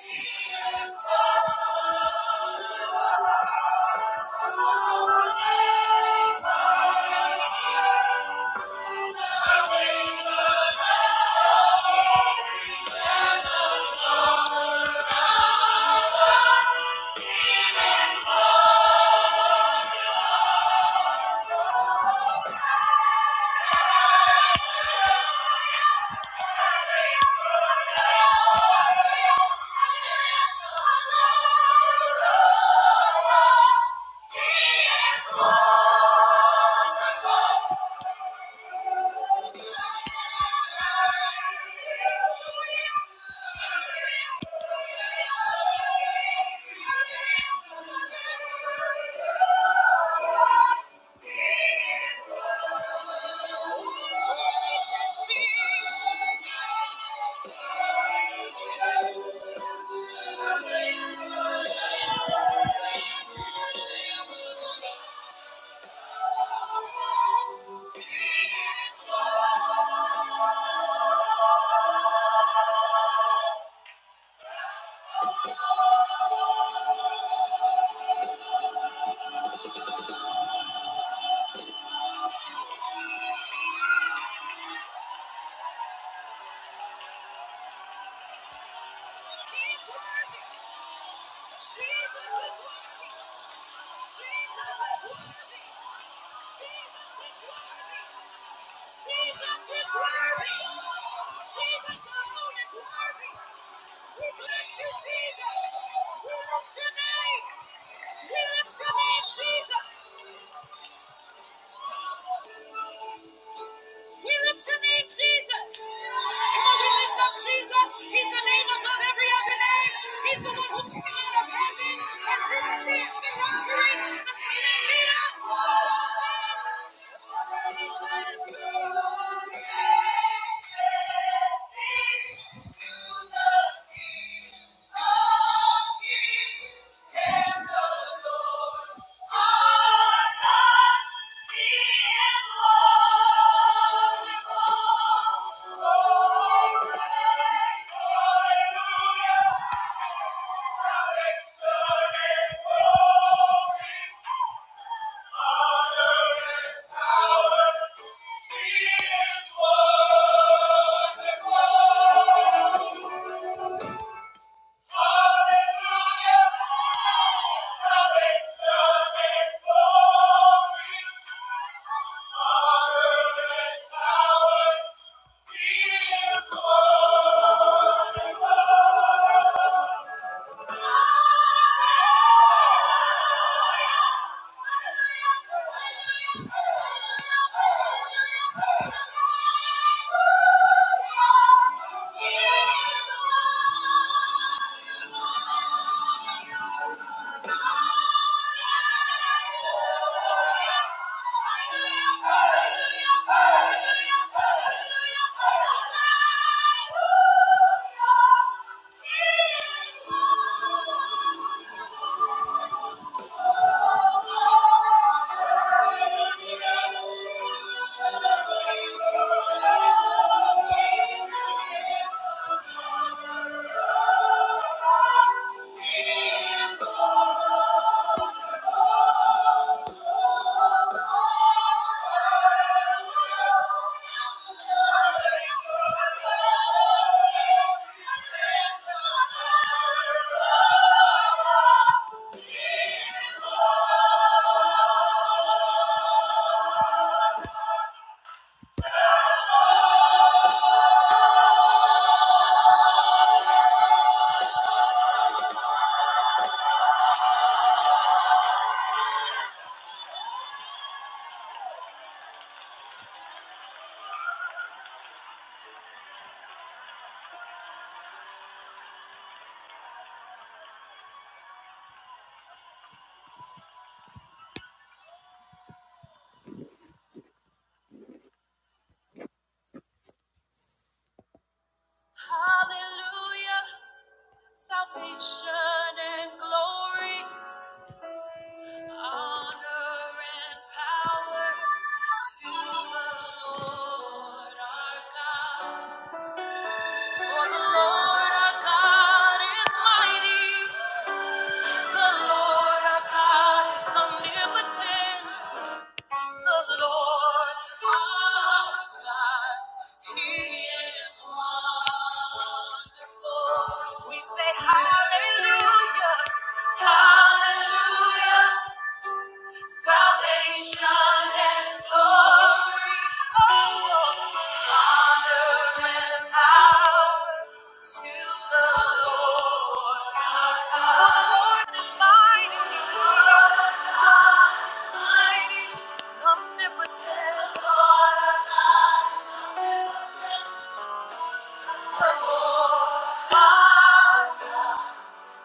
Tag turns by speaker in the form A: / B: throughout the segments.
A: Thank you. Thank you. Jesus! We lift your name, Jesus. Come on, we lift up Jesus. He's the name above every other name. He's the one who came out of heaven and did the things to robbery to come and meet us. Oh, Jesus. Jesus. you are everything to the King. Thank you. Hallelujah. Thank you. Hallelujah, salvation and glory, honor and power to the Lord our God. For the Lord our God is mighty. The Lord our God is omnipotent. The Lord our God, He is wonderful. We say hallelujah, hallelujah, Salvation and glory, oh, honor and power to the Lord our God. For the Lord is mighty, God is mighty, He's omnipotent. The Lord our God is omnipotent. The Lord our God,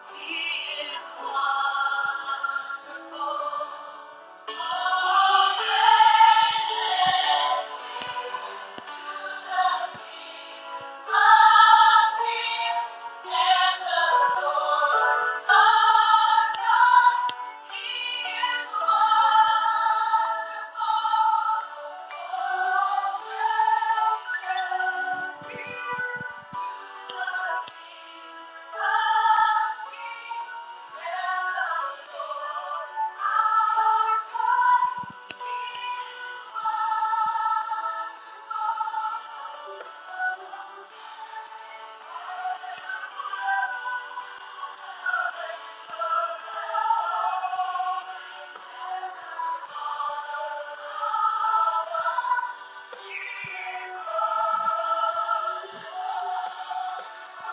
A: He is wonderful. Thank you. Thank you. Jesus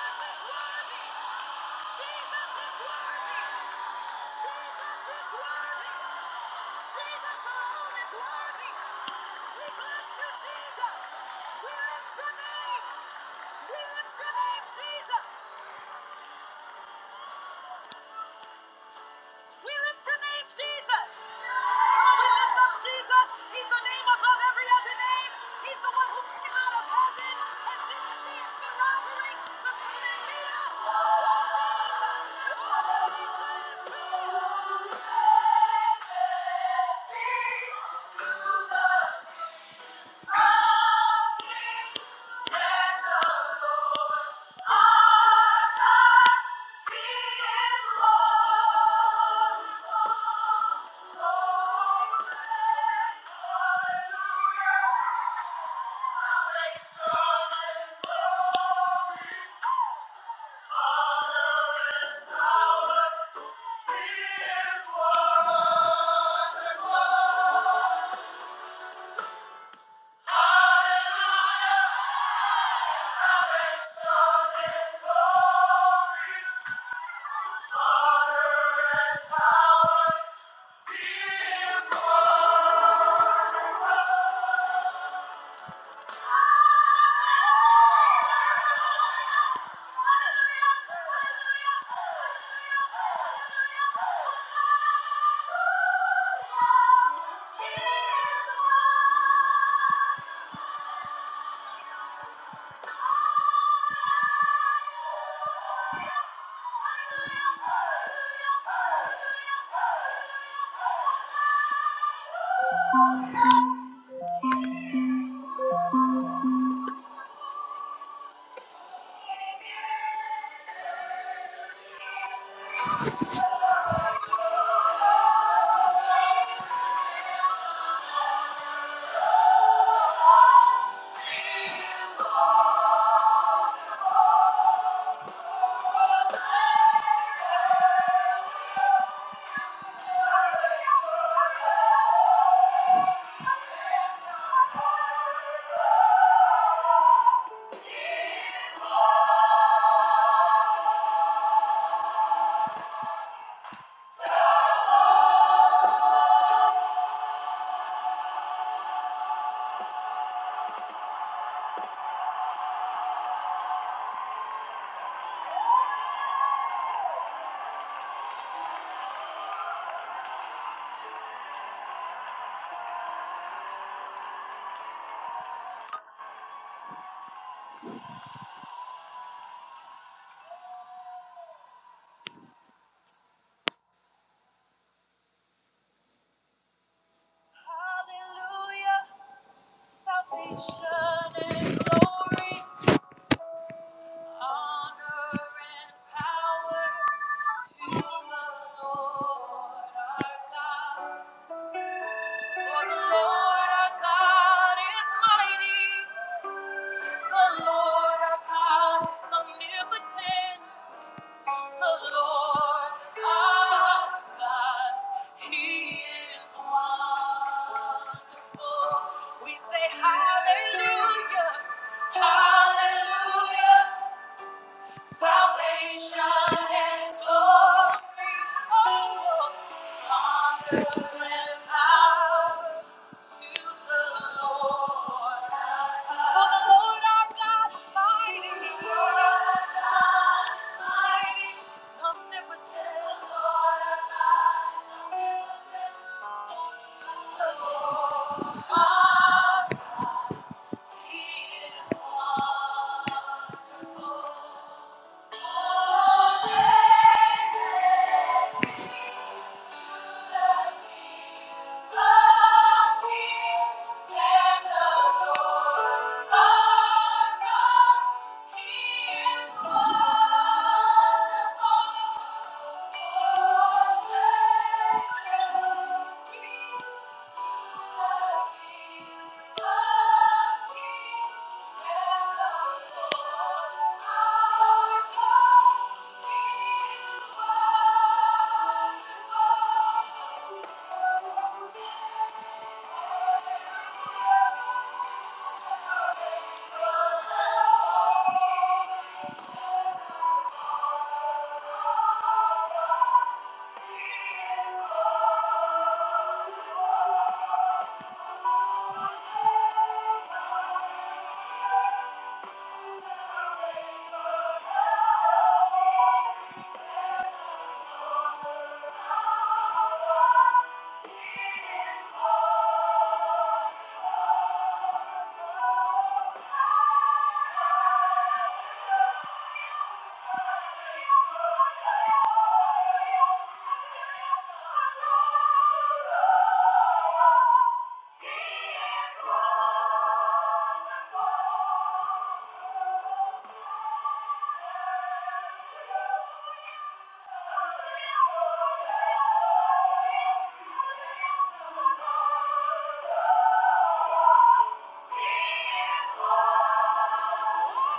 A: is worthy! Jesus is worthy! Jesus is worthy. Jesus alone is worthy. We bless you, Jesus. We lift your name. We lift your name, Jesus. We lift your name, Jesus. Come on, we lift up Jesus. He's the name above every other name. He's the one who came out of heaven and didn't see it's robbery to come and meet us. Oh, Jesus. Oh, Jesus. We love you. We love you. Hallelujah. Hallelujah, salvation and glory. Honor and power to the Lord our God. For the Lord our God is mighty. The Lord our God is omnipotent. The Lord our God, He is wonderful. We say hallelujah, hallelujah. Salvation and glory, oh, honor and power to the Lord. For the Lord our God is mighty. the Lord our God is mighty. He's omnipotent. The Lord our God is omnipotent. The Lord our God, He is wonderful. Oh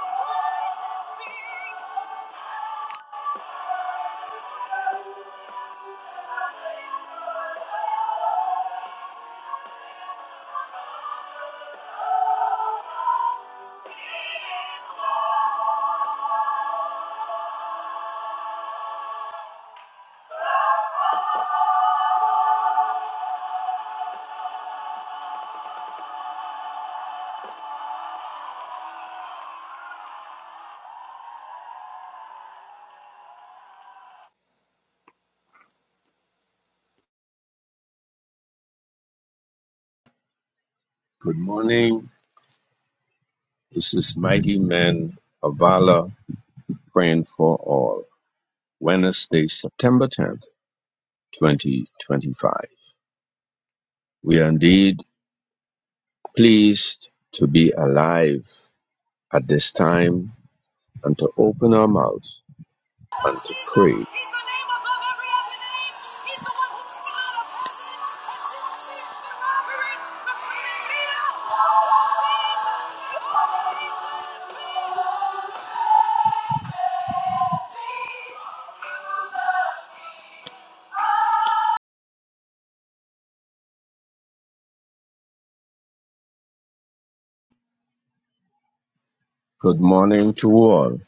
A: Thank you.
B: Good morning. This is Mighty Men of Valor praying for all. Wednesday, September 10th, 2025. We are indeed pleased to be alive at this time and to open our mouths and to
A: Jesus,
B: pray.
A: He's the name above every other name. He's the one who brought us out of sin, To robbery, from creating us. Oh, Jesus, oh, Jesus, we love peace. You love peace. Oh, the Lord our
B: Good morning to all.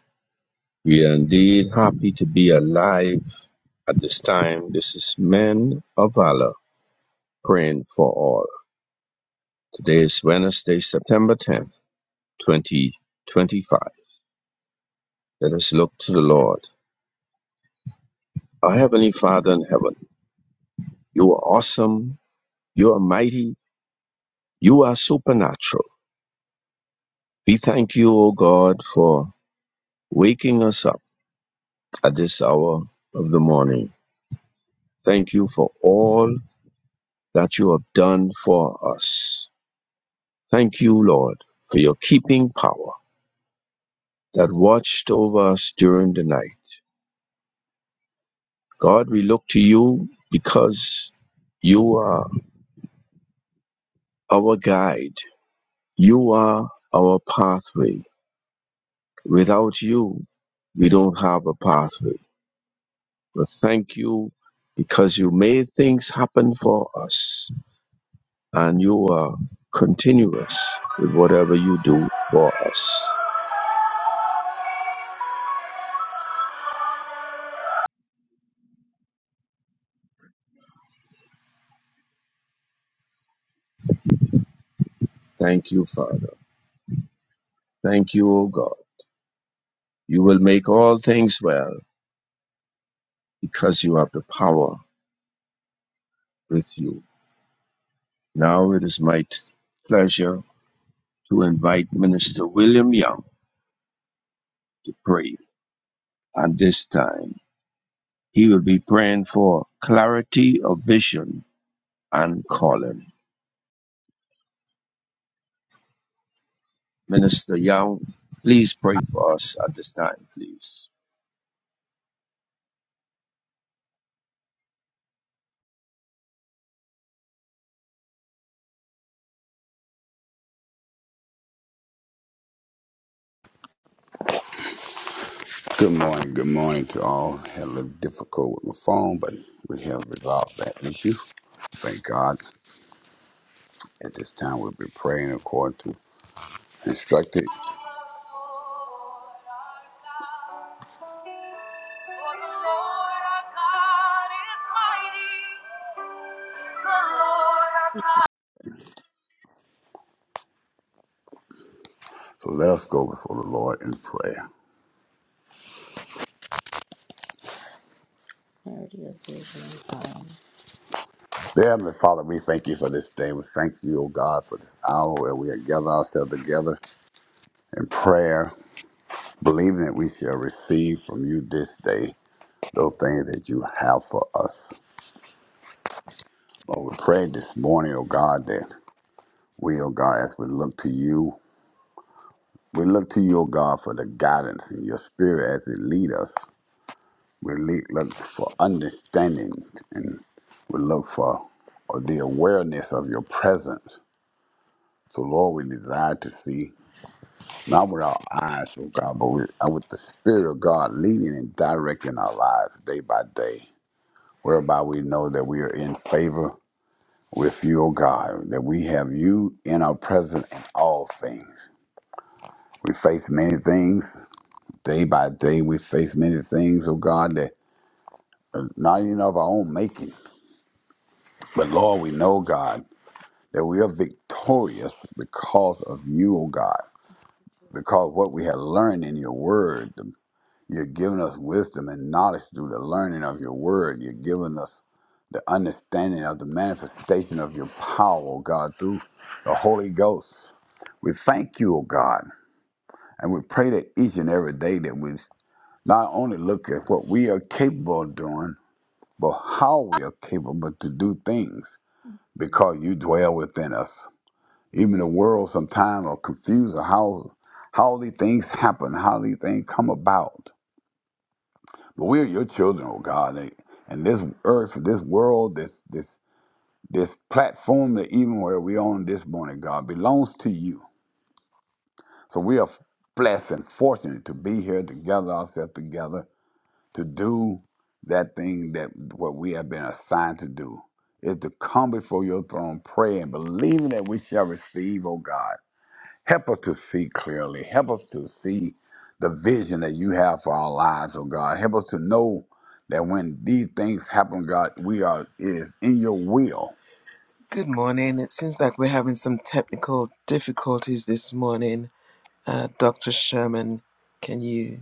B: We are indeed happy to be alive at this time. This is Men of Valor praying for all. Today is Wednesday, September 10th, 2025. Let us look to the Lord. Our Heavenly Father in heaven, you are awesome, you are mighty, you are supernatural. We thank you, O God, for waking us up at this hour of the morning. Thank you for all that you have done for us. Thank you, Lord, for your keeping power that watched over us during the night. God, we look to you because you are our guide. You are our pathway. Without you, we don't have a pathway. But thank you because you made things happen for us and you are continuous with whatever you do for us. Thank you, Father. Thank you, O God. You will make all things well because you have the power with you. Now it is my t- pleasure to invite Minister William Young to pray at this time. He will be praying for clarity of vision and Colin. Minister Young, please pray for us at this time, please.
C: Good morning. Good morning to all. Had a little difficult with my phone, but we have resolved that issue. Thank God. At this time, we'll be praying according to instructed.
A: God. For the Lord our God is mighty. The Lord our God.
C: So let us go before the Lord in prayer. Dear Heavenly Father, we thank you for this day. We thank you, O God, for this hour where we have gathered ourselves together in prayer, believing that we shall receive from you this day those things that you have for us. Lord, we pray this morning, O God, that we, O God, as we look to you, We look to you, O God, for the guidance and your spirit as it lead us. We le- look for understanding and we look for the awareness of your presence. So, Lord, we desire to see, not with our eyes, oh God, but with, uh, with the Spirit of God leading and directing our lives day by day, whereby we know that we are in favor with you, O God, that we have you in our presence in all things. We face many things, Day by day, we face many things, oh God, that are not even of our own making. But Lord, we know, God, that we are victorious because of you, oh God, because what we have learned in your word, the- you're giving us wisdom and knowledge through the learning of your word. You're giving us the understanding of the manifestation of your power, oh God, through the Holy Ghost. We thank you, oh God, and we pray that each and every day that we not only look at what we are capable of doing, but how we are capable to do things because you dwell within us. Even the world sometimes are confused of how, how these things happen, how these things come about. But we are your children, oh God. And and this earth, this world, this this this platform that even where we're on this morning, God, belongs to you. So we are blessed and fortunate to be here together, ourselves together, to do that thing that what we have been assigned to do is to come before your throne, pray and believing that we shall receive, oh God. Help us to see clearly. Help us to see the vision that you have for our lives, oh God. Help us to know that when these things happen, God, we are it is in your will.
A: Good morning. It seems like we're having some technical difficulties this morning. Uh, Dr. Sherman, can you,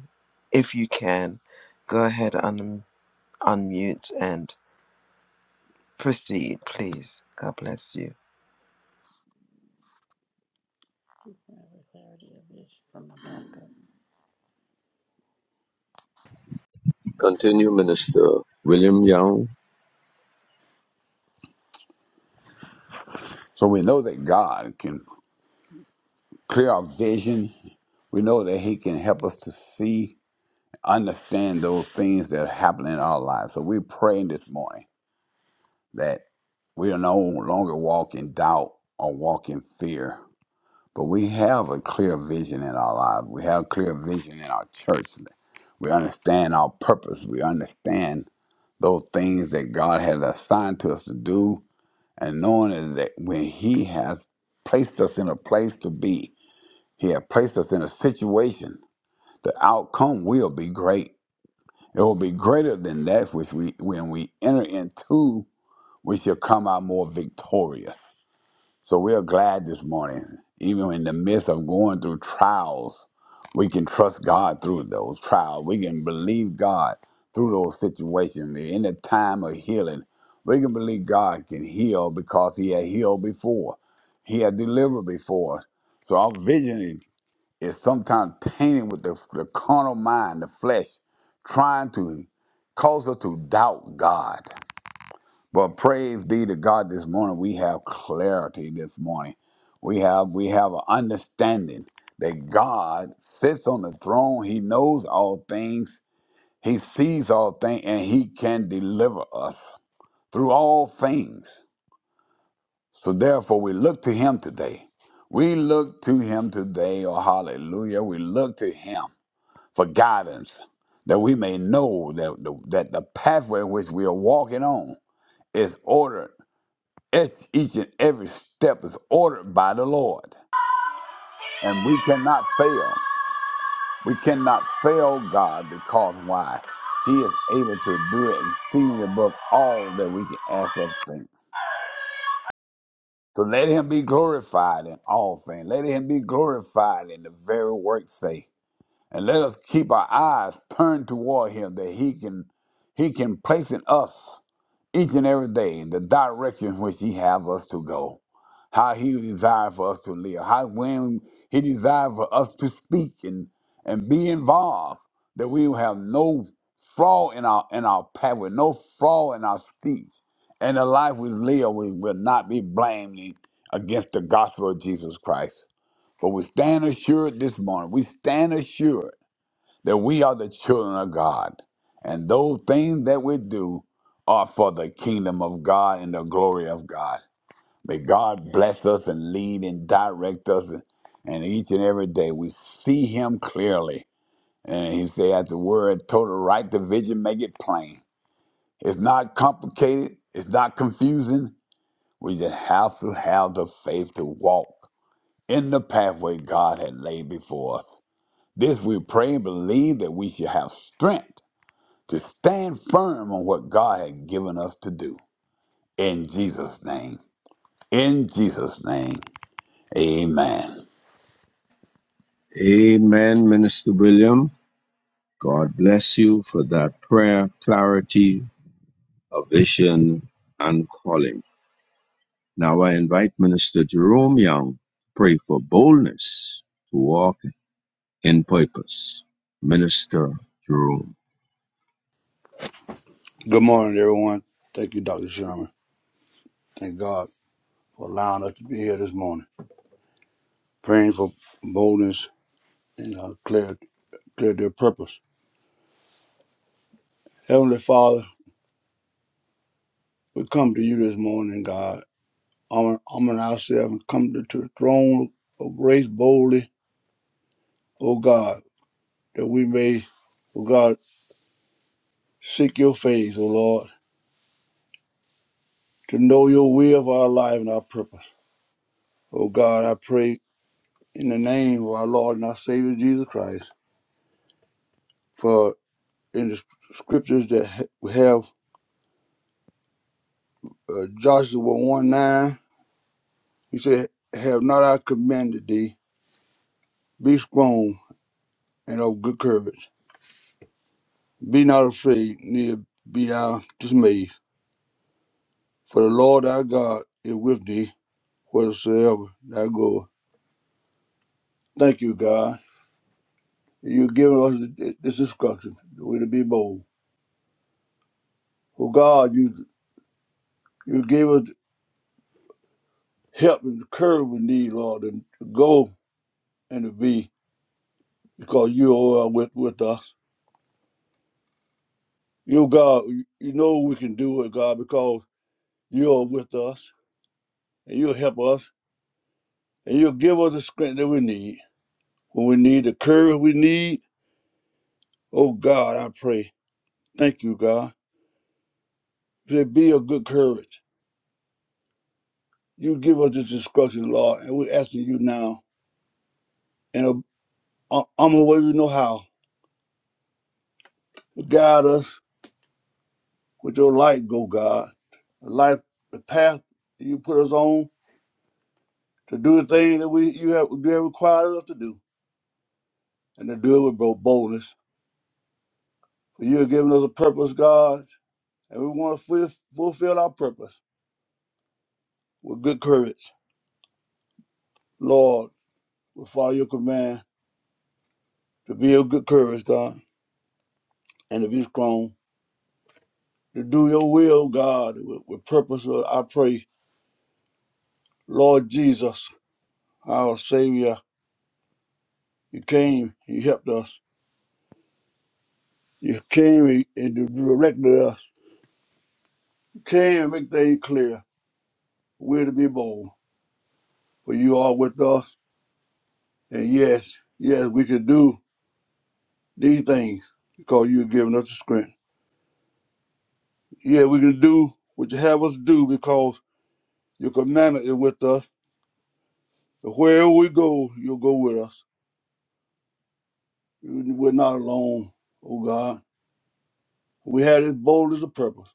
A: if you can, go ahead and unmute and proceed, please? God bless you.
B: Continue, Minister William Young.
C: So we know that God can clear our vision. We know that He can help us to see, understand those things that happen in our lives. So we pray this morning that we are no longer walk in doubt or walk in fear, but we have a clear vision in our lives. We have a clear vision in our church. We understand our purpose. We understand those things that God has assigned to us to do, and knowing that when He has placed us in a place to be, He has placed us in a situation, the outcome will be great. It will be greater than that which we, when we enter into, we shall come out more victorious So we are glad this morning, even in the midst of going through trials, we can trust God through those trials. We can believe God through those situations. In the time of healing, we can believe God can heal because He had healed before, He had delivered before. So our vision is is sometimes painted with the, the carnal mind, the flesh, trying to cause us to doubt God. But praise be to God this morning. We have clarity this morning. We have we have an understanding that God sits on the throne. He knows all things. He sees all things and he can deliver us through all things. So therefore we look to him today. We look to him today, oh hallelujah. We look to him for guidance that we may know that the, that the pathway which we are walking on is ordered It's each and every step is ordered by the Lord. And we cannot fail. We cannot fail God because why? He is able to do it exceedingly above all that we can ask or think. So let him be glorified in all things. Let him be glorified in the very work say. And let us keep our eyes turned toward him that he can he can place in us each and every day the direction which he have us to go how he desire for us to live how when he desire for us to speak and and be involved that we will have no flaw in our in our path with no flaw in our speech and the life we live we will not be blaming against the gospel of jesus christ for we stand assured this morning we stand assured that we are the children of God, and those things that we do are for the kingdom of God and the glory of God. May God bless us and lead and direct us, and each and every day we see Him clearly. And He said, "At the word, total right division, make it plain. It's not complicated. It's not confusing. We just have to have the faith to walk in the pathway God had laid before us. This we pray and believe that we should have strength." to stand firm on what God had given us to do. In Jesus' name. In Jesus' name. Amen.
B: Amen, Minister William. God bless you for that prayer, clarity, a vision, and calling. Now I invite Minister Jerome Young to pray for boldness to walk in purpose. Minister Jerome.
D: Good morning, everyone. Thank you, Dr. Sherman. Thank God for allowing us to be here this morning, praying for boldness and uh, clear, clear their purpose. Heavenly Father, we come to you this morning, God. Armor armor ourselves and come to, to the throne of grace boldly, O God, that we may, O God, seek your face, O Lord, to know your will for our life and our purpose. O God, I pray in the name of our Lord and our Savior Jesus Christ for. in the scriptures that ha- have uh, Joshua 1 9, he said, Have not I commanded thee, be strong and of good courage. Be not afraid, neither be thou dismayed. For the Lord thy God is with thee, wheresoever thou goest. Thank you, God. you giving us th- this instruction, the way to be bold. Oh, God, you, you gave us help and the courage we need, Lord, and to go and to be, because you are with, with us. You, God, you know we can do it, God, because you are with us and you'll help us and you'll give us the strength that we need when we need the courage we need. Oh, God, I pray. Thank you, God. You Say, be of good courage. You give us this instruction, Lord, and we're asking you now. And I'm the way we know how. Guide us with your light, go, God. The life, the path that you put us on to do the thing that we you have you have required us to do and to do it with bold- boldness You have given us a purpose, God, and we want to fulfill fulfill our purpose with good courage. Lord, we follow your command to be of good courage, God, and to be strong, to do your will, God, with, with purpose. Lord, I pray, Lord Jesus, our Savior, you came, you helped us. You came and and you directed us. You came and make things clear. We're to be bold, for you are with us. And yes, yes, we can do these things because you've given us the strength. Yeah, we can do what you have us do because your commandment is with us. And Wherever we go, you'll go with us. We're not alone, oh God. We had it bold as a purpose.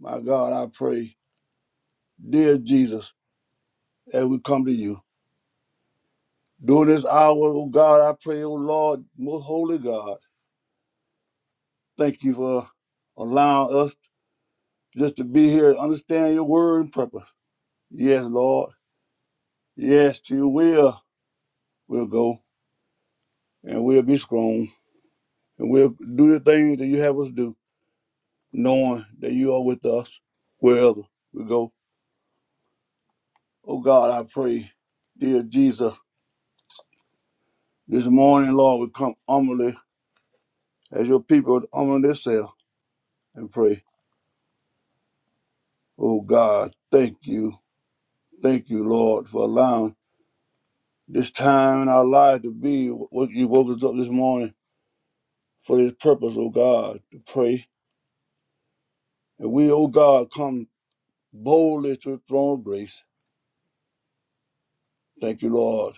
D: My God, I pray, dear Jesus, as we come to you. During this hour, oh God, I pray, oh Lord, most holy God, thank you for allowing us just to be here and understand your word and purpose. Yes, Lord. Yes, to your will we'll go and we'll be strong. And we'll do the things that you have us do, knowing that you are with us wherever we go. Oh God, I pray, dear Jesus, this morning, Lord, we come humbly as your people humble themselves and pray. Oh God, thank you. Thank you, Lord, for allowing this time in our life to be what you woke us up this morning for this purpose, oh God, to pray. And we, oh God, come boldly to the throne of grace. Thank you, Lord,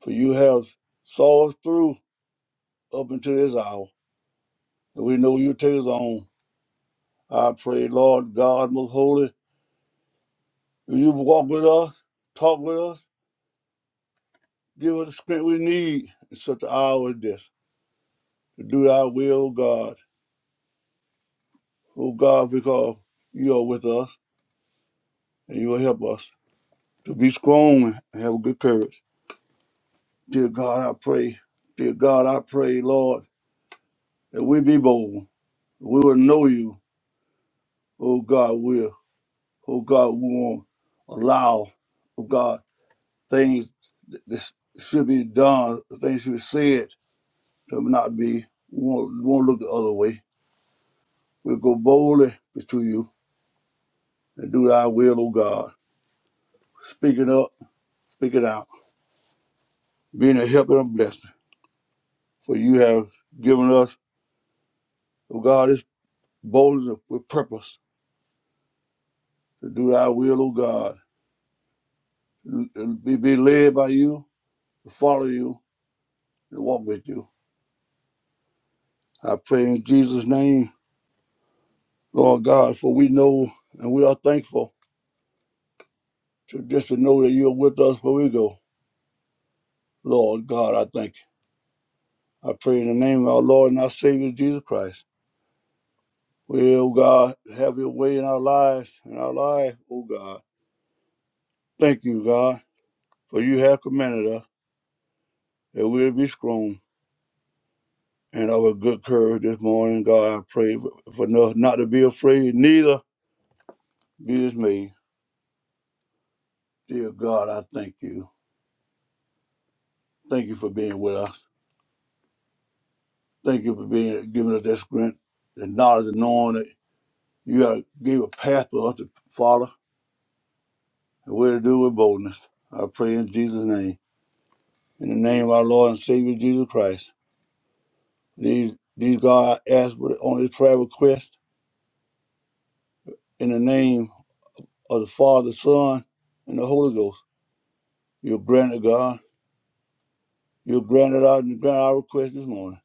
D: for you have saw us through up until this hour. and We know you take us on. I pray, Lord God, most holy, if you walk with us, talk with us, give us the strength we need in such an hour as this to do thy will, O God. Oh God, because you are with us and you will help us to be strong and have good courage. Dear God, I pray. Dear God, I pray, Lord, that we be bold. We will know you. Oh God, will. Oh God, we won't allow. oh God, things that should be done, things should be said, to not be, we won't, we won't look the other way. We'll go boldly to you and do thy will, O God. Speak it up, speak it out, being a help and a blessing. For you have given us, O God, this boldness with purpose to do thy will, O God. Be, be led by you, to follow you, and walk with you. I pray in Jesus' name, Lord God, for we know and we are thankful to just to know that you're with us where we go. Lord God, I thank you. I pray in the name of our Lord and our Savior Jesus Christ. Well, God, have your way in our lives, in our life, oh God. Thank you, God, for you have commanded us that we'll be strong and of a good courage this morning. God, I pray for, for us not to be afraid, neither be dismayed. Dear God, I thank you. Thank you for being with us. Thank you for being giving us that strength, the knowledge and knowing that you have gave a path for us to follow and we're to do with boldness. I pray in Jesus' name, in the name of our Lord and Savior Jesus Christ. These these God I ask with- on this prayer request in the name of the Father, Son, and the Holy Ghost. You'll grant it, God. You'll grant it out and grant our request this morning.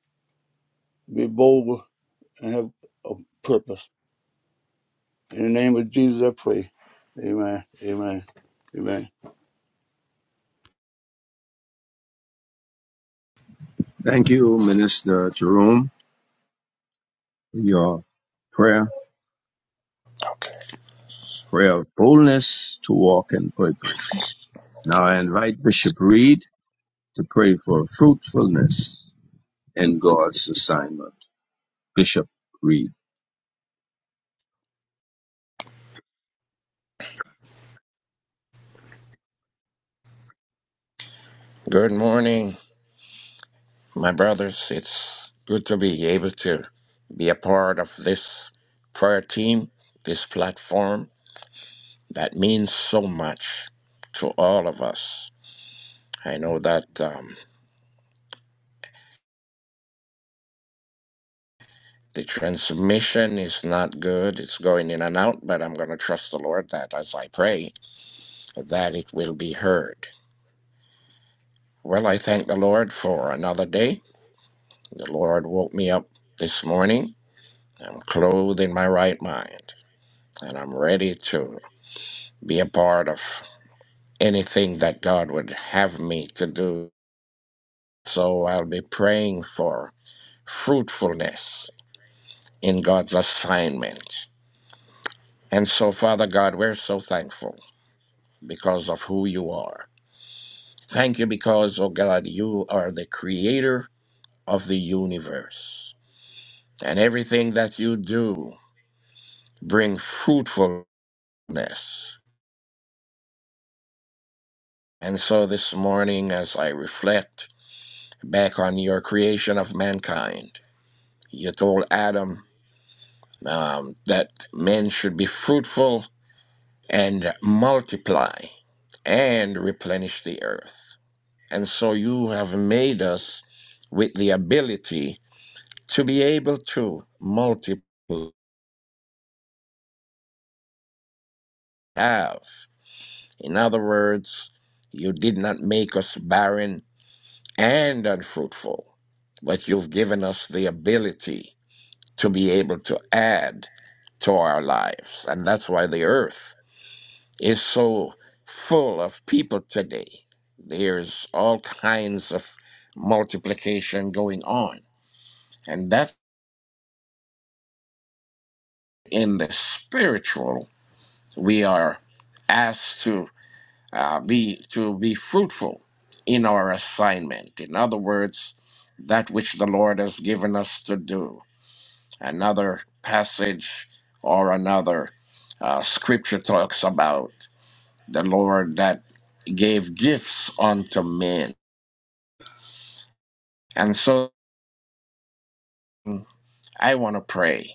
D: Be bold and have a purpose. In the name of Jesus, I pray. Amen. Amen. Amen.
B: Thank you, Minister Jerome, for your prayer. prayer of boldness to walk in purpose. Now I invite Bishop Reed to pray for fruitfulness in God's assignment. Bishop Reed.
E: Good morning, my brothers. It's good to be able to be a part of this prayer team, this platform that means so much to all of us. I know that um, the transmission is not good, it's going in and out, but I'm going to trust the Lord that as I pray, that it will be heard. Well, I thank the Lord for another day. The Lord woke me up this morning. I'm clothed in my right mind, and I'm ready to be a part of anything that God would have me to do. So I'll be praying for fruitfulness in God's assignment. And so, Father God, we're so thankful because of who you are. Thank you because, oh God, you are the creator of the universe. And everything that you do bring fruitfulness. And so this morning, as I reflect back on your creation of mankind, you told Adam um, that men should be fruitful and multiply and replenish the earth. And so you have made us with the ability to be able to multiply. Have. In other words, you did not make us barren and unfruitful, but you've given us the ability to be able to add to our lives. And that's why the earth is so full of people today. There's all kinds of multiplication going on. And that in the spiritual, we are asked to uh, be to be fruitful in our assignment. In other words, that which the Lord has given us to do. Another passage or another uh, scripture talks about the Lord that gave gifts unto men And so mm, I want to pray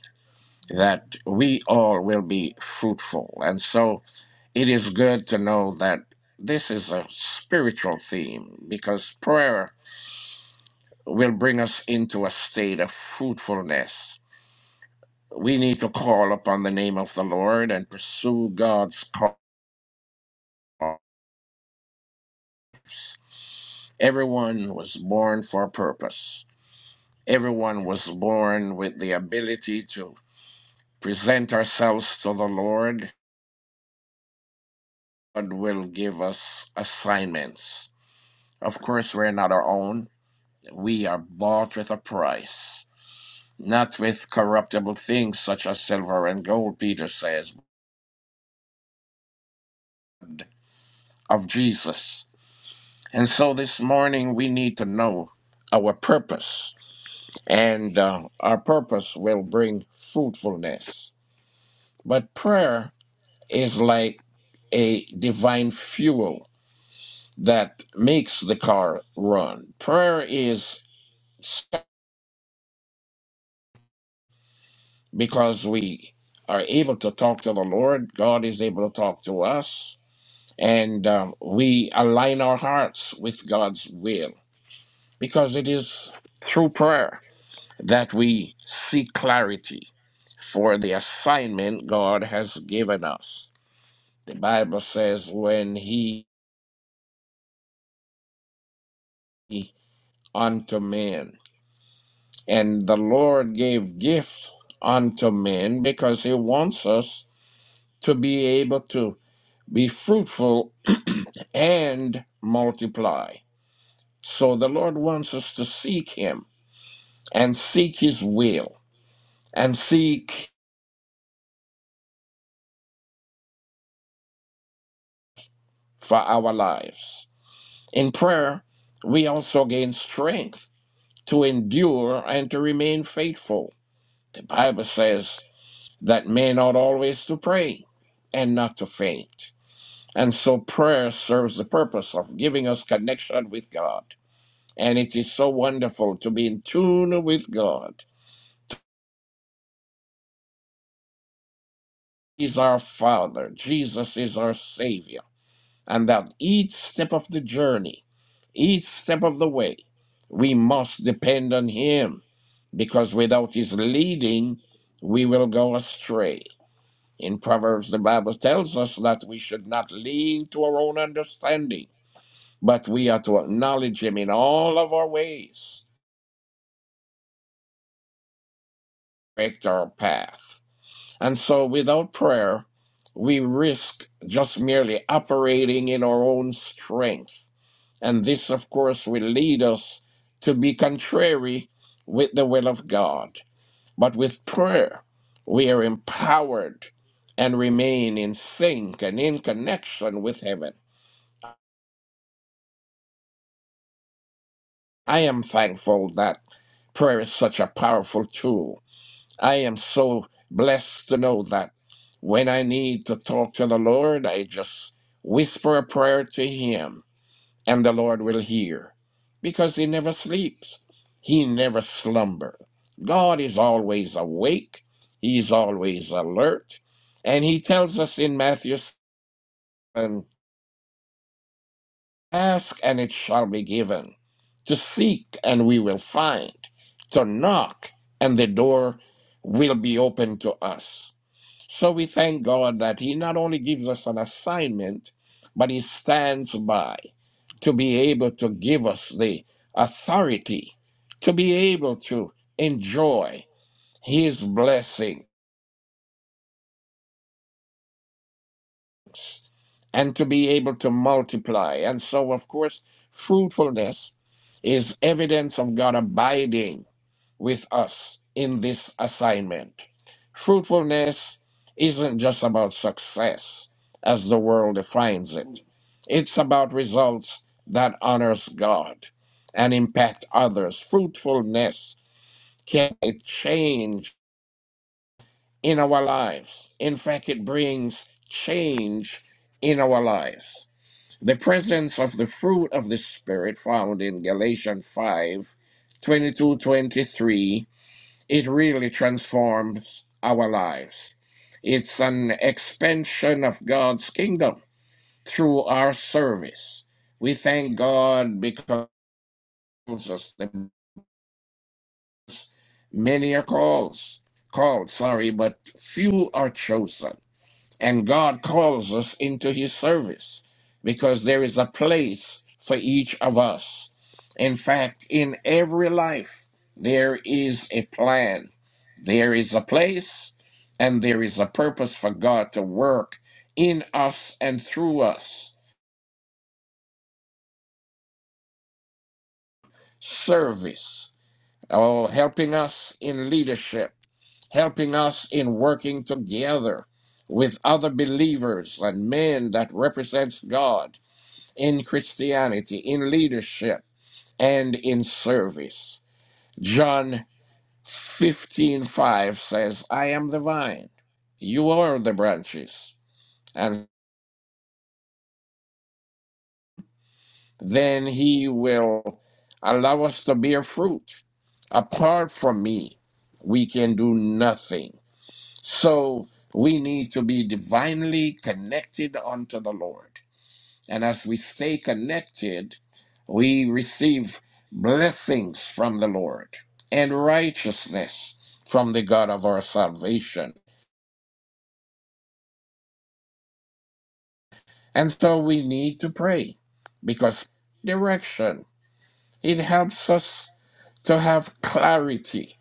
E: that we all will be fruitful. And so it is good to know that this is a spiritual theme because prayer will bring us into a state of fruitfulness. We need to call upon the name of the Lord and pursue God's cause. Everyone was born for a purpose. Everyone was born with the ability to present ourselves to the Lord God will give us assignments. Of course, we're not our own. We are bought with a price, not with corruptible things such as silver and gold, Peter says, of Jesus. And so this morning, we need to know our purpose, and uh, our purpose will bring fruitfulness. But prayer is like a divine fuel that makes the car run. Prayer is because we are able to talk to the Lord, God is able to talk to us, and um, we align our hearts with God's will because it is through prayer that we seek clarity for the assignment God has given us. The Bible says, When he unto men, and the Lord gave gift unto men because he wants us to be able to be fruitful and multiply. So the Lord wants us to seek Him and seek His will and seek for our lives. In prayer, we also gain strength to endure and to remain faithful. The Bible says that men ought always to pray and not to faint. And so prayer serves the purpose of giving us connection with God. And it is so wonderful to be in tune with God is our Father, Jesus is our Savior, and that each step of the journey, each step of the way, we must depend on Him because without His leading, we will go astray. In Proverbs, the Bible tells us that we should not lean to our own understanding, but we are to acknowledge Him in all of our ways, direct our path. And so without prayer, we risk just merely operating in our own strength. And this, of course, will lead us to be contrary with the will of God. But with prayer, we are empowered and remain in sync and in connection with heaven. I am thankful that prayer is such a powerful tool I am so blessed to know that when I need to talk to the Lord, I just whisper a prayer to Him and the Lord will hear because He never sleeps, He never slumbers. God is always awake, He's always alert, and He tells us in Matthew 7 ask and it shall be given, to seek and we will find, to knock and the door will be open to us. So we thank God that He not only gives us an assignment, but He stands by to be able to give us the authority to be able to enjoy His blessing and to be able to multiply. And so, of course, fruitfulness is evidence of God abiding with us in this assignment. Fruitfulness isn't just about success as the world defines it. It's about results that honors God and impact others. Fruitfulness can it change in our lives. In fact, it brings change in our lives. The presence of the fruit of the Spirit found in Galatians 5, 22, twenty-three it really transforms our lives. It's an expansion of God's kingdom through our service. We thank God because us the many are called, called, sorry, but few are chosen. And God calls us into his service because there is a place for each of us. In fact, in every life, there is a plan, there is a place, and there is a purpose for God to work in us and through us. Service, oh, helping us in leadership, helping us in working together with other believers and men that represents God in Christianity, in leadership, and in service. John 15 5 says, I am the vine, you are the branches. And then he will allow us to bear fruit. Apart from me, we can do nothing. So we need to be divinely connected unto the Lord. And as we stay connected, we receive blessings from the Lord and righteousness from the God of our salvation. And so we need to pray because direction, it helps us to have clarity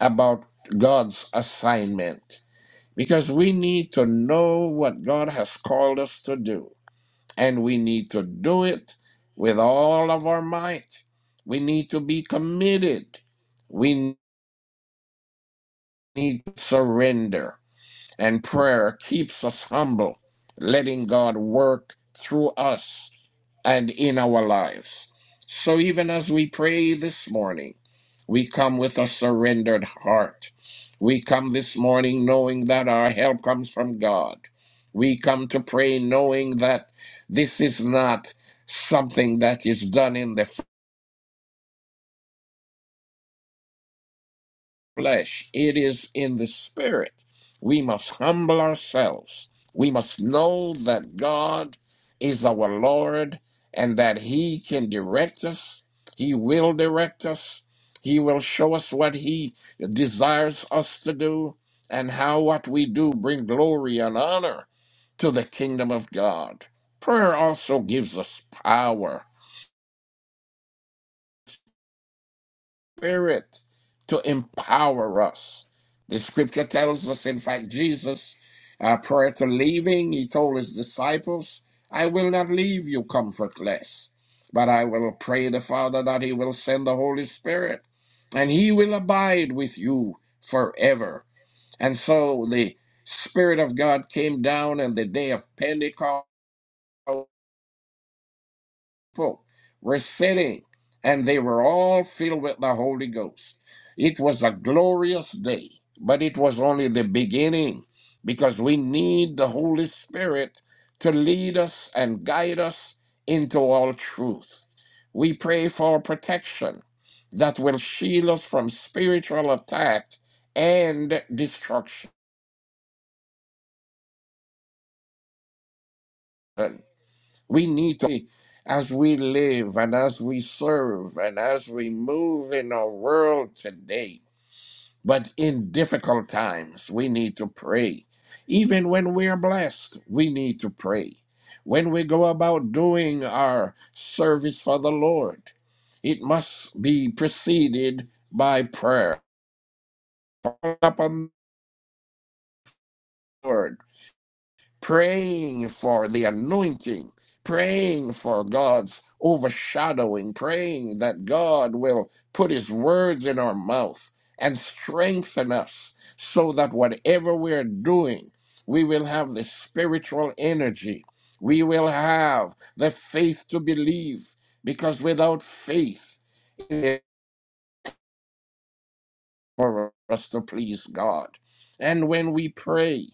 E: about God's assignment because we need to know what God has called us to do and we need to do it with all of our might. We need to be committed. We need to surrender. And prayer keeps us humble, letting God work through us and in our lives. So even as we pray this morning, we come with a surrendered heart. We come this morning knowing that our help comes from God. We come to pray knowing that this is not something that is done in the flesh, it is in the spirit. We must humble ourselves. We must know that God is our Lord and that He can direct us. He will direct us. He will show us what He desires us to do and how what we do bring glory and honor to the kingdom of God. Prayer also gives us power Spirit to empower us. The scripture tells us, in fact, Jesus, uh, prior to leaving, he told his disciples, I will not leave you comfortless, but I will pray the Father that he will send the Holy Spirit, and he will abide with you forever. And so the Spirit of God came down on the day of Pentecost people were sitting, and they were all filled with the Holy Ghost. It was a glorious day, but it was only the beginning because we need the Holy Spirit to lead us and guide us into all truth. We pray for protection that will shield us from spiritual attack and destruction. We need to, as we live and as we serve and as we move in our world today, but in difficult times, we need to pray. Even when we are blessed, we need to pray. When we go about doing our service for the Lord, it must be preceded by prayer. Up on the Lord. praying for the anointing, praying for God's overshadowing, praying that God will put his words in our mouth and strengthen us so that whatever we're doing, we will have the spiritual energy. We will have the faith to believe because without faith, it for us to please God. And when we pray,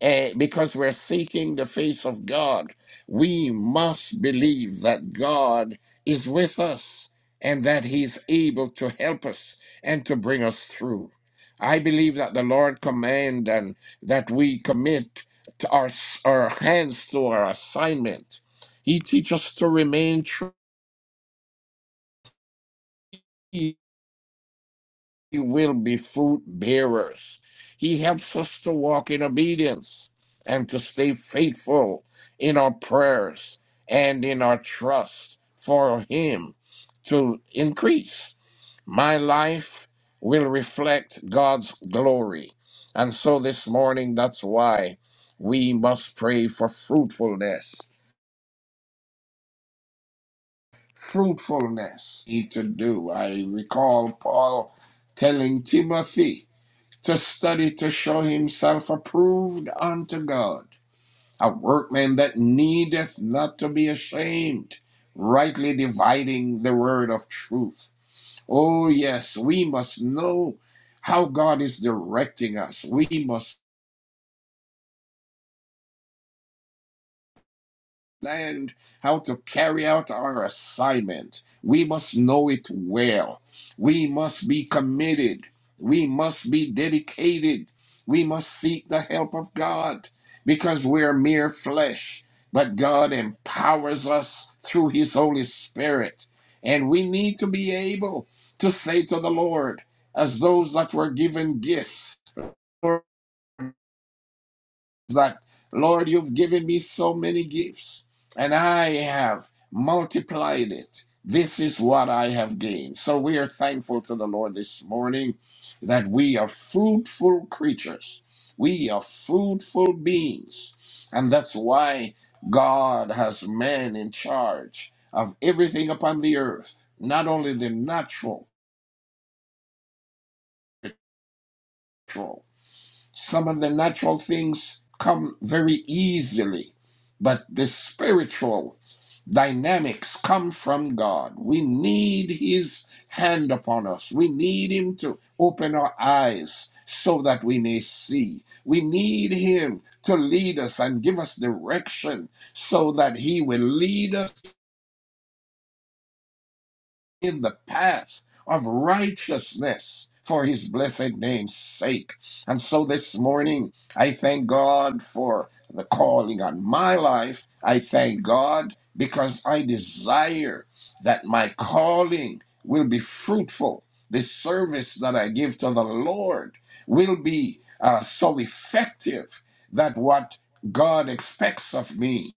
E: eh, because we're seeking the face of God, we must believe that God is with us and that He's able to help us and to bring us through. I believe that the Lord command and that we commit to our, our hands to our assignment. He teaches us to remain true we will be fruit bearers. He helps us to walk in obedience and to stay faithful in our prayers and in our trust for Him to increase. My life will reflect God's glory. And so this morning, that's why we must pray for fruitfulness. Fruitfulness need to do. I recall Paul telling Timothy, to study to show himself approved unto God, a workman that needeth not to be ashamed, rightly dividing the word of truth. Oh, yes, we must know how God is directing us. We must understand how to carry out our assignment. We must know it well. We must be committed. We must be dedicated. We must seek the help of God because we're mere flesh. But God empowers us through His Holy Spirit. And we need to be able to say to the Lord, as those that were given gifts that, Lord, you've given me so many gifts, and I have multiplied it. This is what I have gained. So we are thankful to the Lord this morning that we are fruitful creatures. We are fruitful beings. And that's why God has man in charge of everything upon the earth, not only the natural, Some of the natural things come very easily, but the spiritual dynamics come from God. We need His hand upon us. We need Him to open our eyes so that we may see. We need Him to lead us and give us direction so that He will lead us in the path of righteousness for his blessed name's sake. And so this morning, I thank God for the calling on my life. I thank God because I desire that my calling will be fruitful. The service that I give to the Lord will be uh, so effective that what God expects of me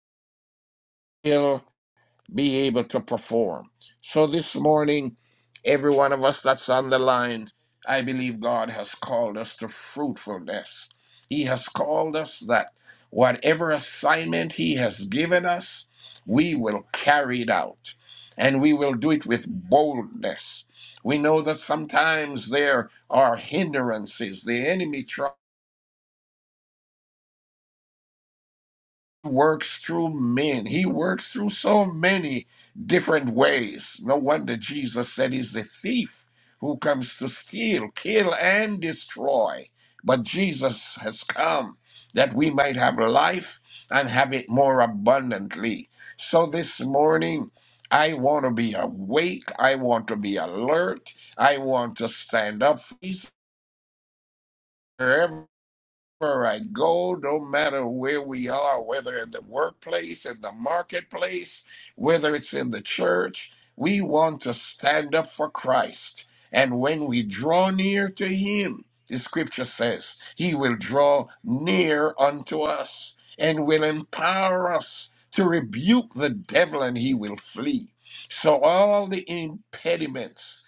E: be able to perform. So this morning, every one of us that's on the line, I believe God has called us to fruitfulness. He has called us that whatever assignment He has given us, we will carry it out and we will do it with boldness. We know that sometimes there are hindrances. The enemy tries. works through men. He works through so many different ways. No wonder Jesus said he's the thief who comes to steal, kill, and destroy. But Jesus has come that we might have life and have it more abundantly. So this morning, I want to be awake. I want to be alert. I want to stand up. for Jesus wherever wherever I go, no matter where we are, whether in the workplace, in the marketplace, whether it's in the church, we want to stand up for Christ. And when we draw near to Him, the scripture says, He will draw near unto us and will empower us to rebuke the devil and he will flee. So all the impediments.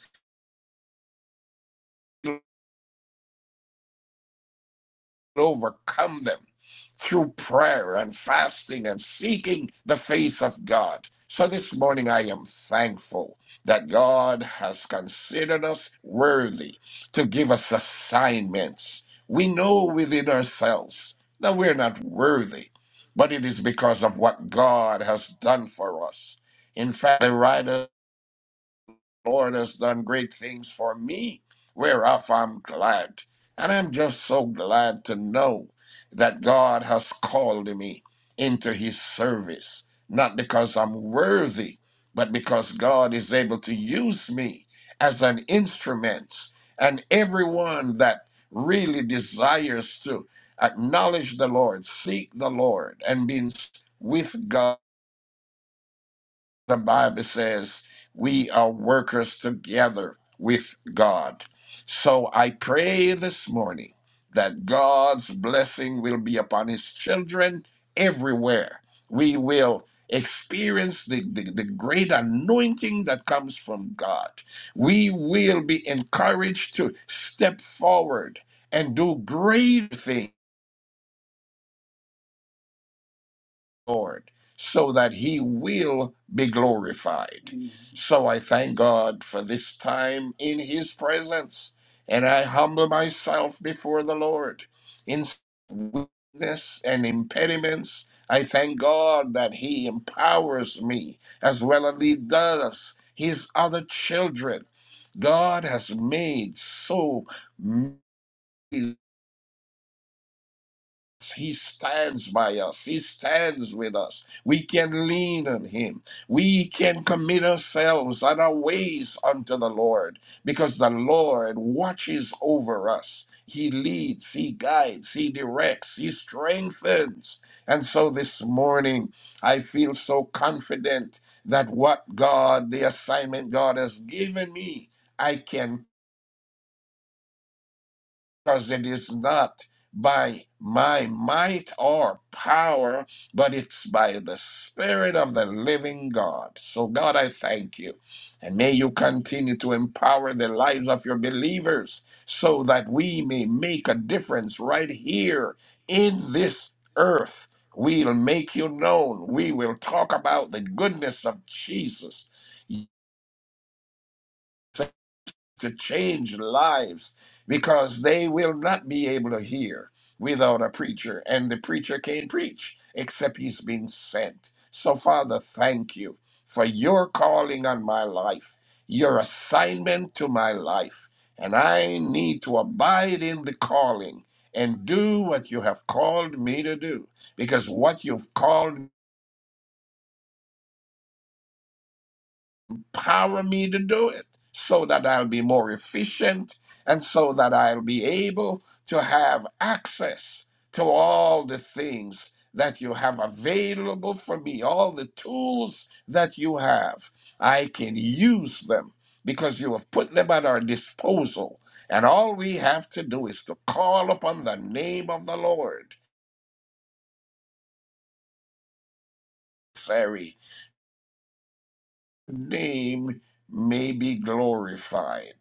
E: overcome them through prayer and fasting and seeking the face of God. So this morning I am thankful that God has considered us worthy to give us assignments. We know within ourselves that we're not worthy, but it is because of what God has done for us. In fact, the writer Lord has done great things for me, whereof I'm glad. And I'm just so glad to know that God has called me into his service, not because I'm worthy, but because God is able to use me as an instrument. And everyone that really desires to acknowledge the Lord, seek the Lord, and be with God the Bible says we are workers together with God. So I pray this morning that God's blessing will be upon his children everywhere. We will experience the, the, the great anointing that comes from God. We will be encouraged to step forward and do great things Lord, so that he will be glorified. Mhm. So I thank God for this time in his presence, and I humble myself before the Lord in weakness and impediments. I thank God that he empowers me as well as he does his other children. God has made so many he stands by us. He stands with us. We can lean on Him. We can commit ourselves and our ways unto the Lord because the Lord watches over us. He leads, He guides, He directs, He strengthens. And so this morning, I feel so confident that what God, the assignment God has given me, I can because it is not by my might or power, but it's by the Spirit of the living God. So, God, I thank you. And may you continue to empower the lives of your believers so that we may make a difference right here in this earth. We'll make you known. We will talk about the goodness of Jesus to change lives because they will not be able to hear without a preacher, and the preacher can't preach except he's been sent. So, Father, thank you for your calling on my life, your assignment to my life, and I need to abide in the calling and do what you have called me to do because what you've called Power me to do it so that I'll be more efficient and so that I'll be able to have access to all the things that you have available for me, all the tools that you have. I can use them because you have put them at our disposal. And all we have to do is to call upon the name of the Lord. name may be glorified.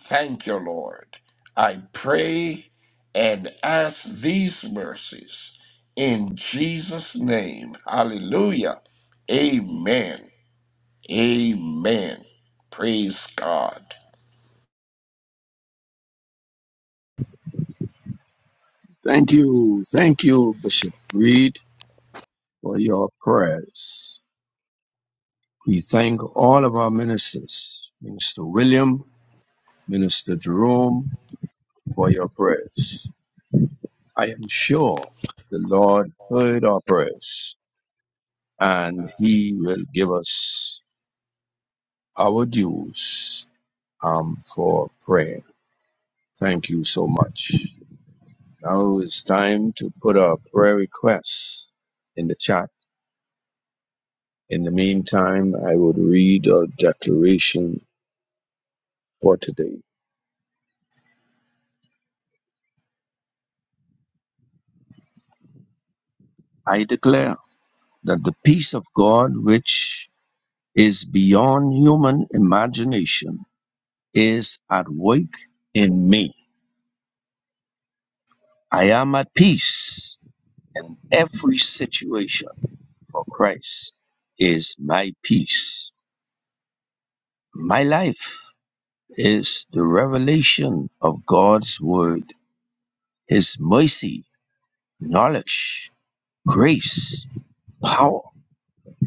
E: Thank you, Lord. I pray and ask these mercies in Jesus' name. Hallelujah. Amen. Amen. Praise God.
B: Thank you. Thank you, Bishop Reed, for your prayers. We thank all of our ministers, Minister William, Minister Jerome, for your prayers. I am sure the Lord heard our prayers and he will give us our dues um, for prayer. Thank you so much. Now it's time to put our prayer requests in the chat. In the meantime, I would read our declaration for today. I declare that the peace of God, which is beyond human imagination, is at work in me. I am at peace in every situation, for Christ is my peace, my life is the revelation of God's word, his mercy, knowledge, grace, power,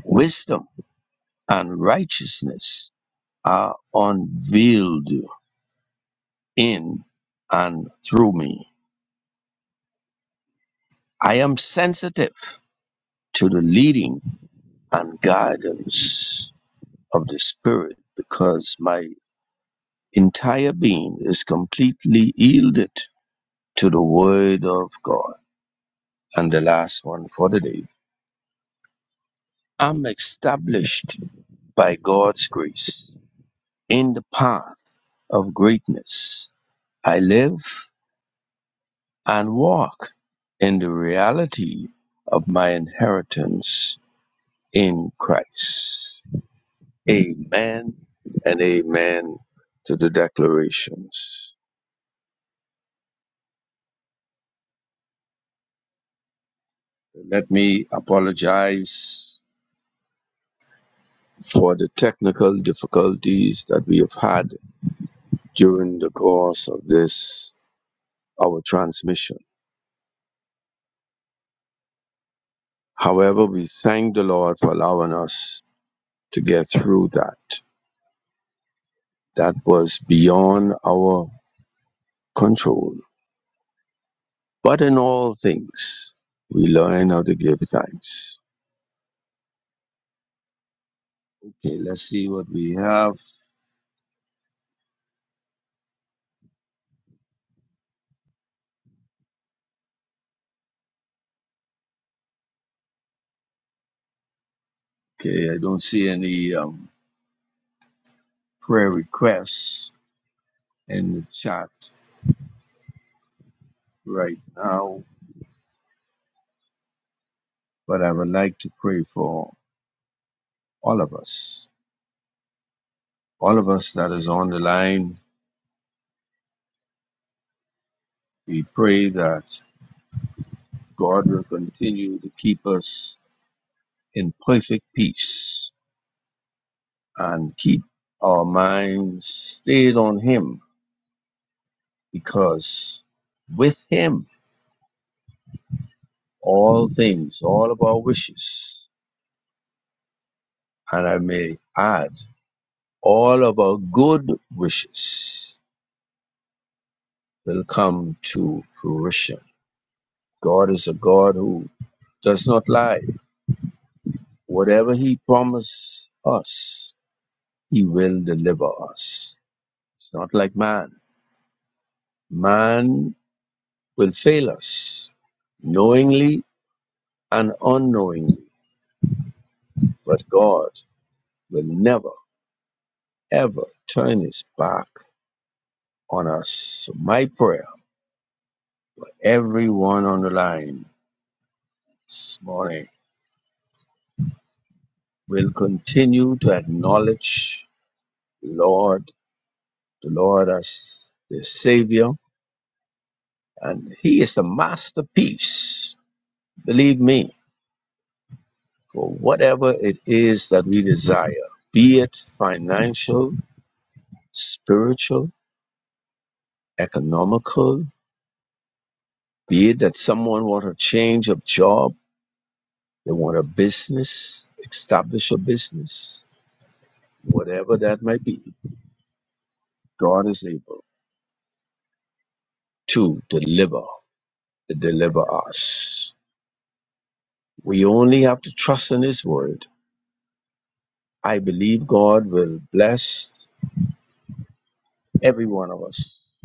B: wisdom, and righteousness are unveiled in and through me. I am sensitive to the leading and guidance of the Spirit because my entire being is completely yielded to the Word of God. And the last one for the day. I'm established by God's grace in the path of greatness. I live and walk in the reality of my inheritance in Christ. Amen and amen to the declarations. Let me apologize for the technical difficulties that we have had during the course of this, our transmission. However, we thank the Lord for allowing us to get through that. That was beyond our control. But in all things, we learn how to give thanks. Okay, let's see what we have. Okay, I don't see any um, prayer requests in the chat right now, but I would like to pray for all of us. All of us that is on the line, we pray that God will continue to keep us in perfect peace and keep our minds stayed on Him because with Him all things, all of our wishes, and I may add, all of our good wishes will come to fruition. God is a God who does not lie. Whatever He promised us, He will deliver us. It's not like man. Man will fail us knowingly and unknowingly, but God will never, ever turn his back on us. So My prayer, everyone on the line this morning, will continue to acknowledge the Lord, the Lord as the Savior, and He is the masterpiece. Believe me, for whatever it is that we desire, be it financial, spiritual, economical, be it that someone wants a change of job, They want a business, establish a business, whatever that might be. God is able to deliver, to deliver us. We only have to trust in His word. I believe God will bless every one of us.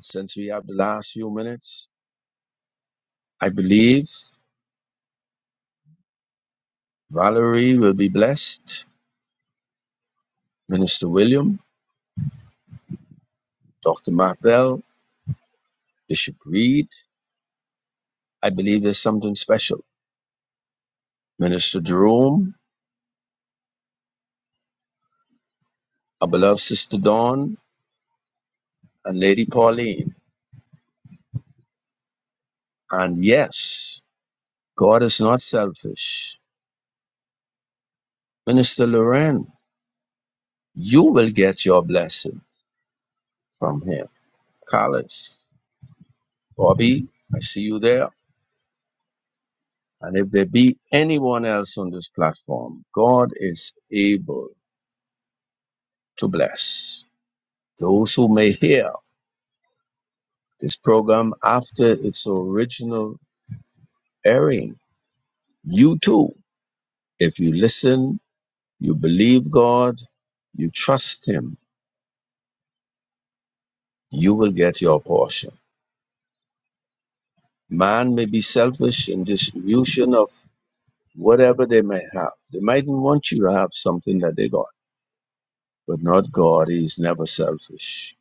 B: Since we have the last few minutes, I believe Valerie will be blessed, Minister William, Dr. Mathel, Bishop Reed. I believe there's something special. Minister Jerome, our beloved Sister Dawn, and Lady Pauline. And yes, God is not selfish. Minister Loren, you will get your blessing from him. Carlos, Bobby, I see you there. And if there be anyone else on this platform, God is able to bless those who may hear this program after its original airing. You too, if you listen, you believe God, you trust Him, you will get your portion. Man may be selfish in distribution of whatever they may have. They mightn't want you to have something that they got, but not God. He's never selfish.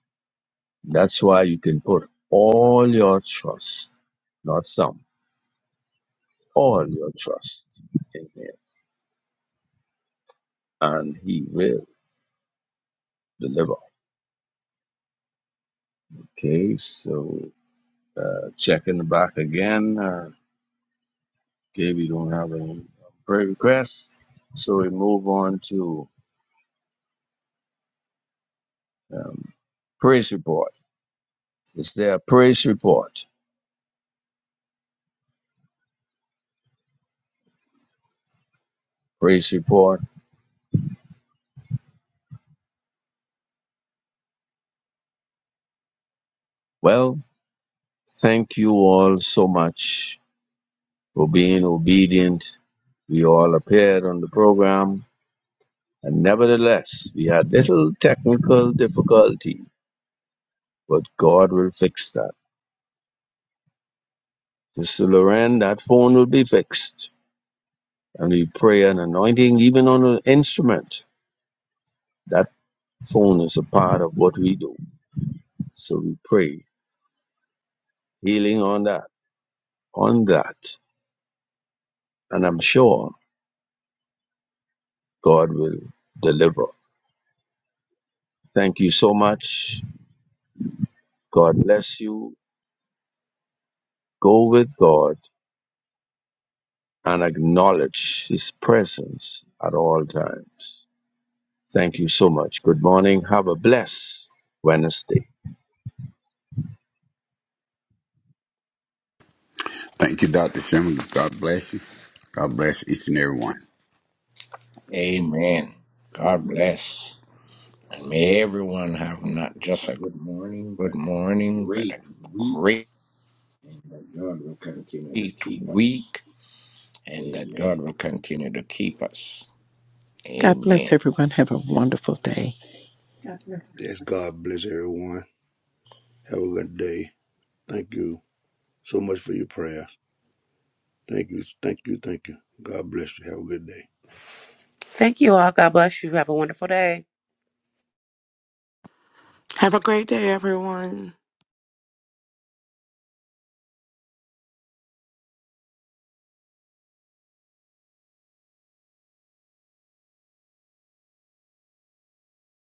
B: That's why you can put all your trust, not some, all your trust in Him, and He will deliver. Okay, so uh, checking back again. Uh, okay, we don't have any prayer requests, so we move on to um, praise report. Is there a praise report? Praise report. Well, thank you all so much for being obedient. We all appeared on the program, and nevertheless, we had little technical difficulty, but God will fix that. Sister Lorraine, that phone will be fixed, and we pray an anointing even on an instrument. That phone is a part of what we do, so we pray healing on that, on that, and I'm sure God will deliver. Thank you so much. God bless you. Go with God and acknowledge His presence at all times. Thank you so much. Good morning. Have a blessed Wednesday.
C: Thank you, Dr. Sherman. God bless you. God bless each and every one.
F: Amen.
E: Amen.
F: God
E: God
F: bless
E: bless. And may everyone
F: everyone.
E: have
F: Have not
E: not
F: just
E: just
F: a
E: a
F: good morning, but
E: good
F: a
E: morning, but a
F: great week.
E: great
F: And that God will continue to keep us.
E: week, and that
F: Amen.
E: God will continue to keep us. Amen.
D: Yes, God bless everyone. Have a good day. Thank you so much for your prayer. Thank you. Thank you. Thank you. God bless you. Have a good day.
G: Thank you all. God bless you. Have a wonderful day.
H: Have a great day, everyone.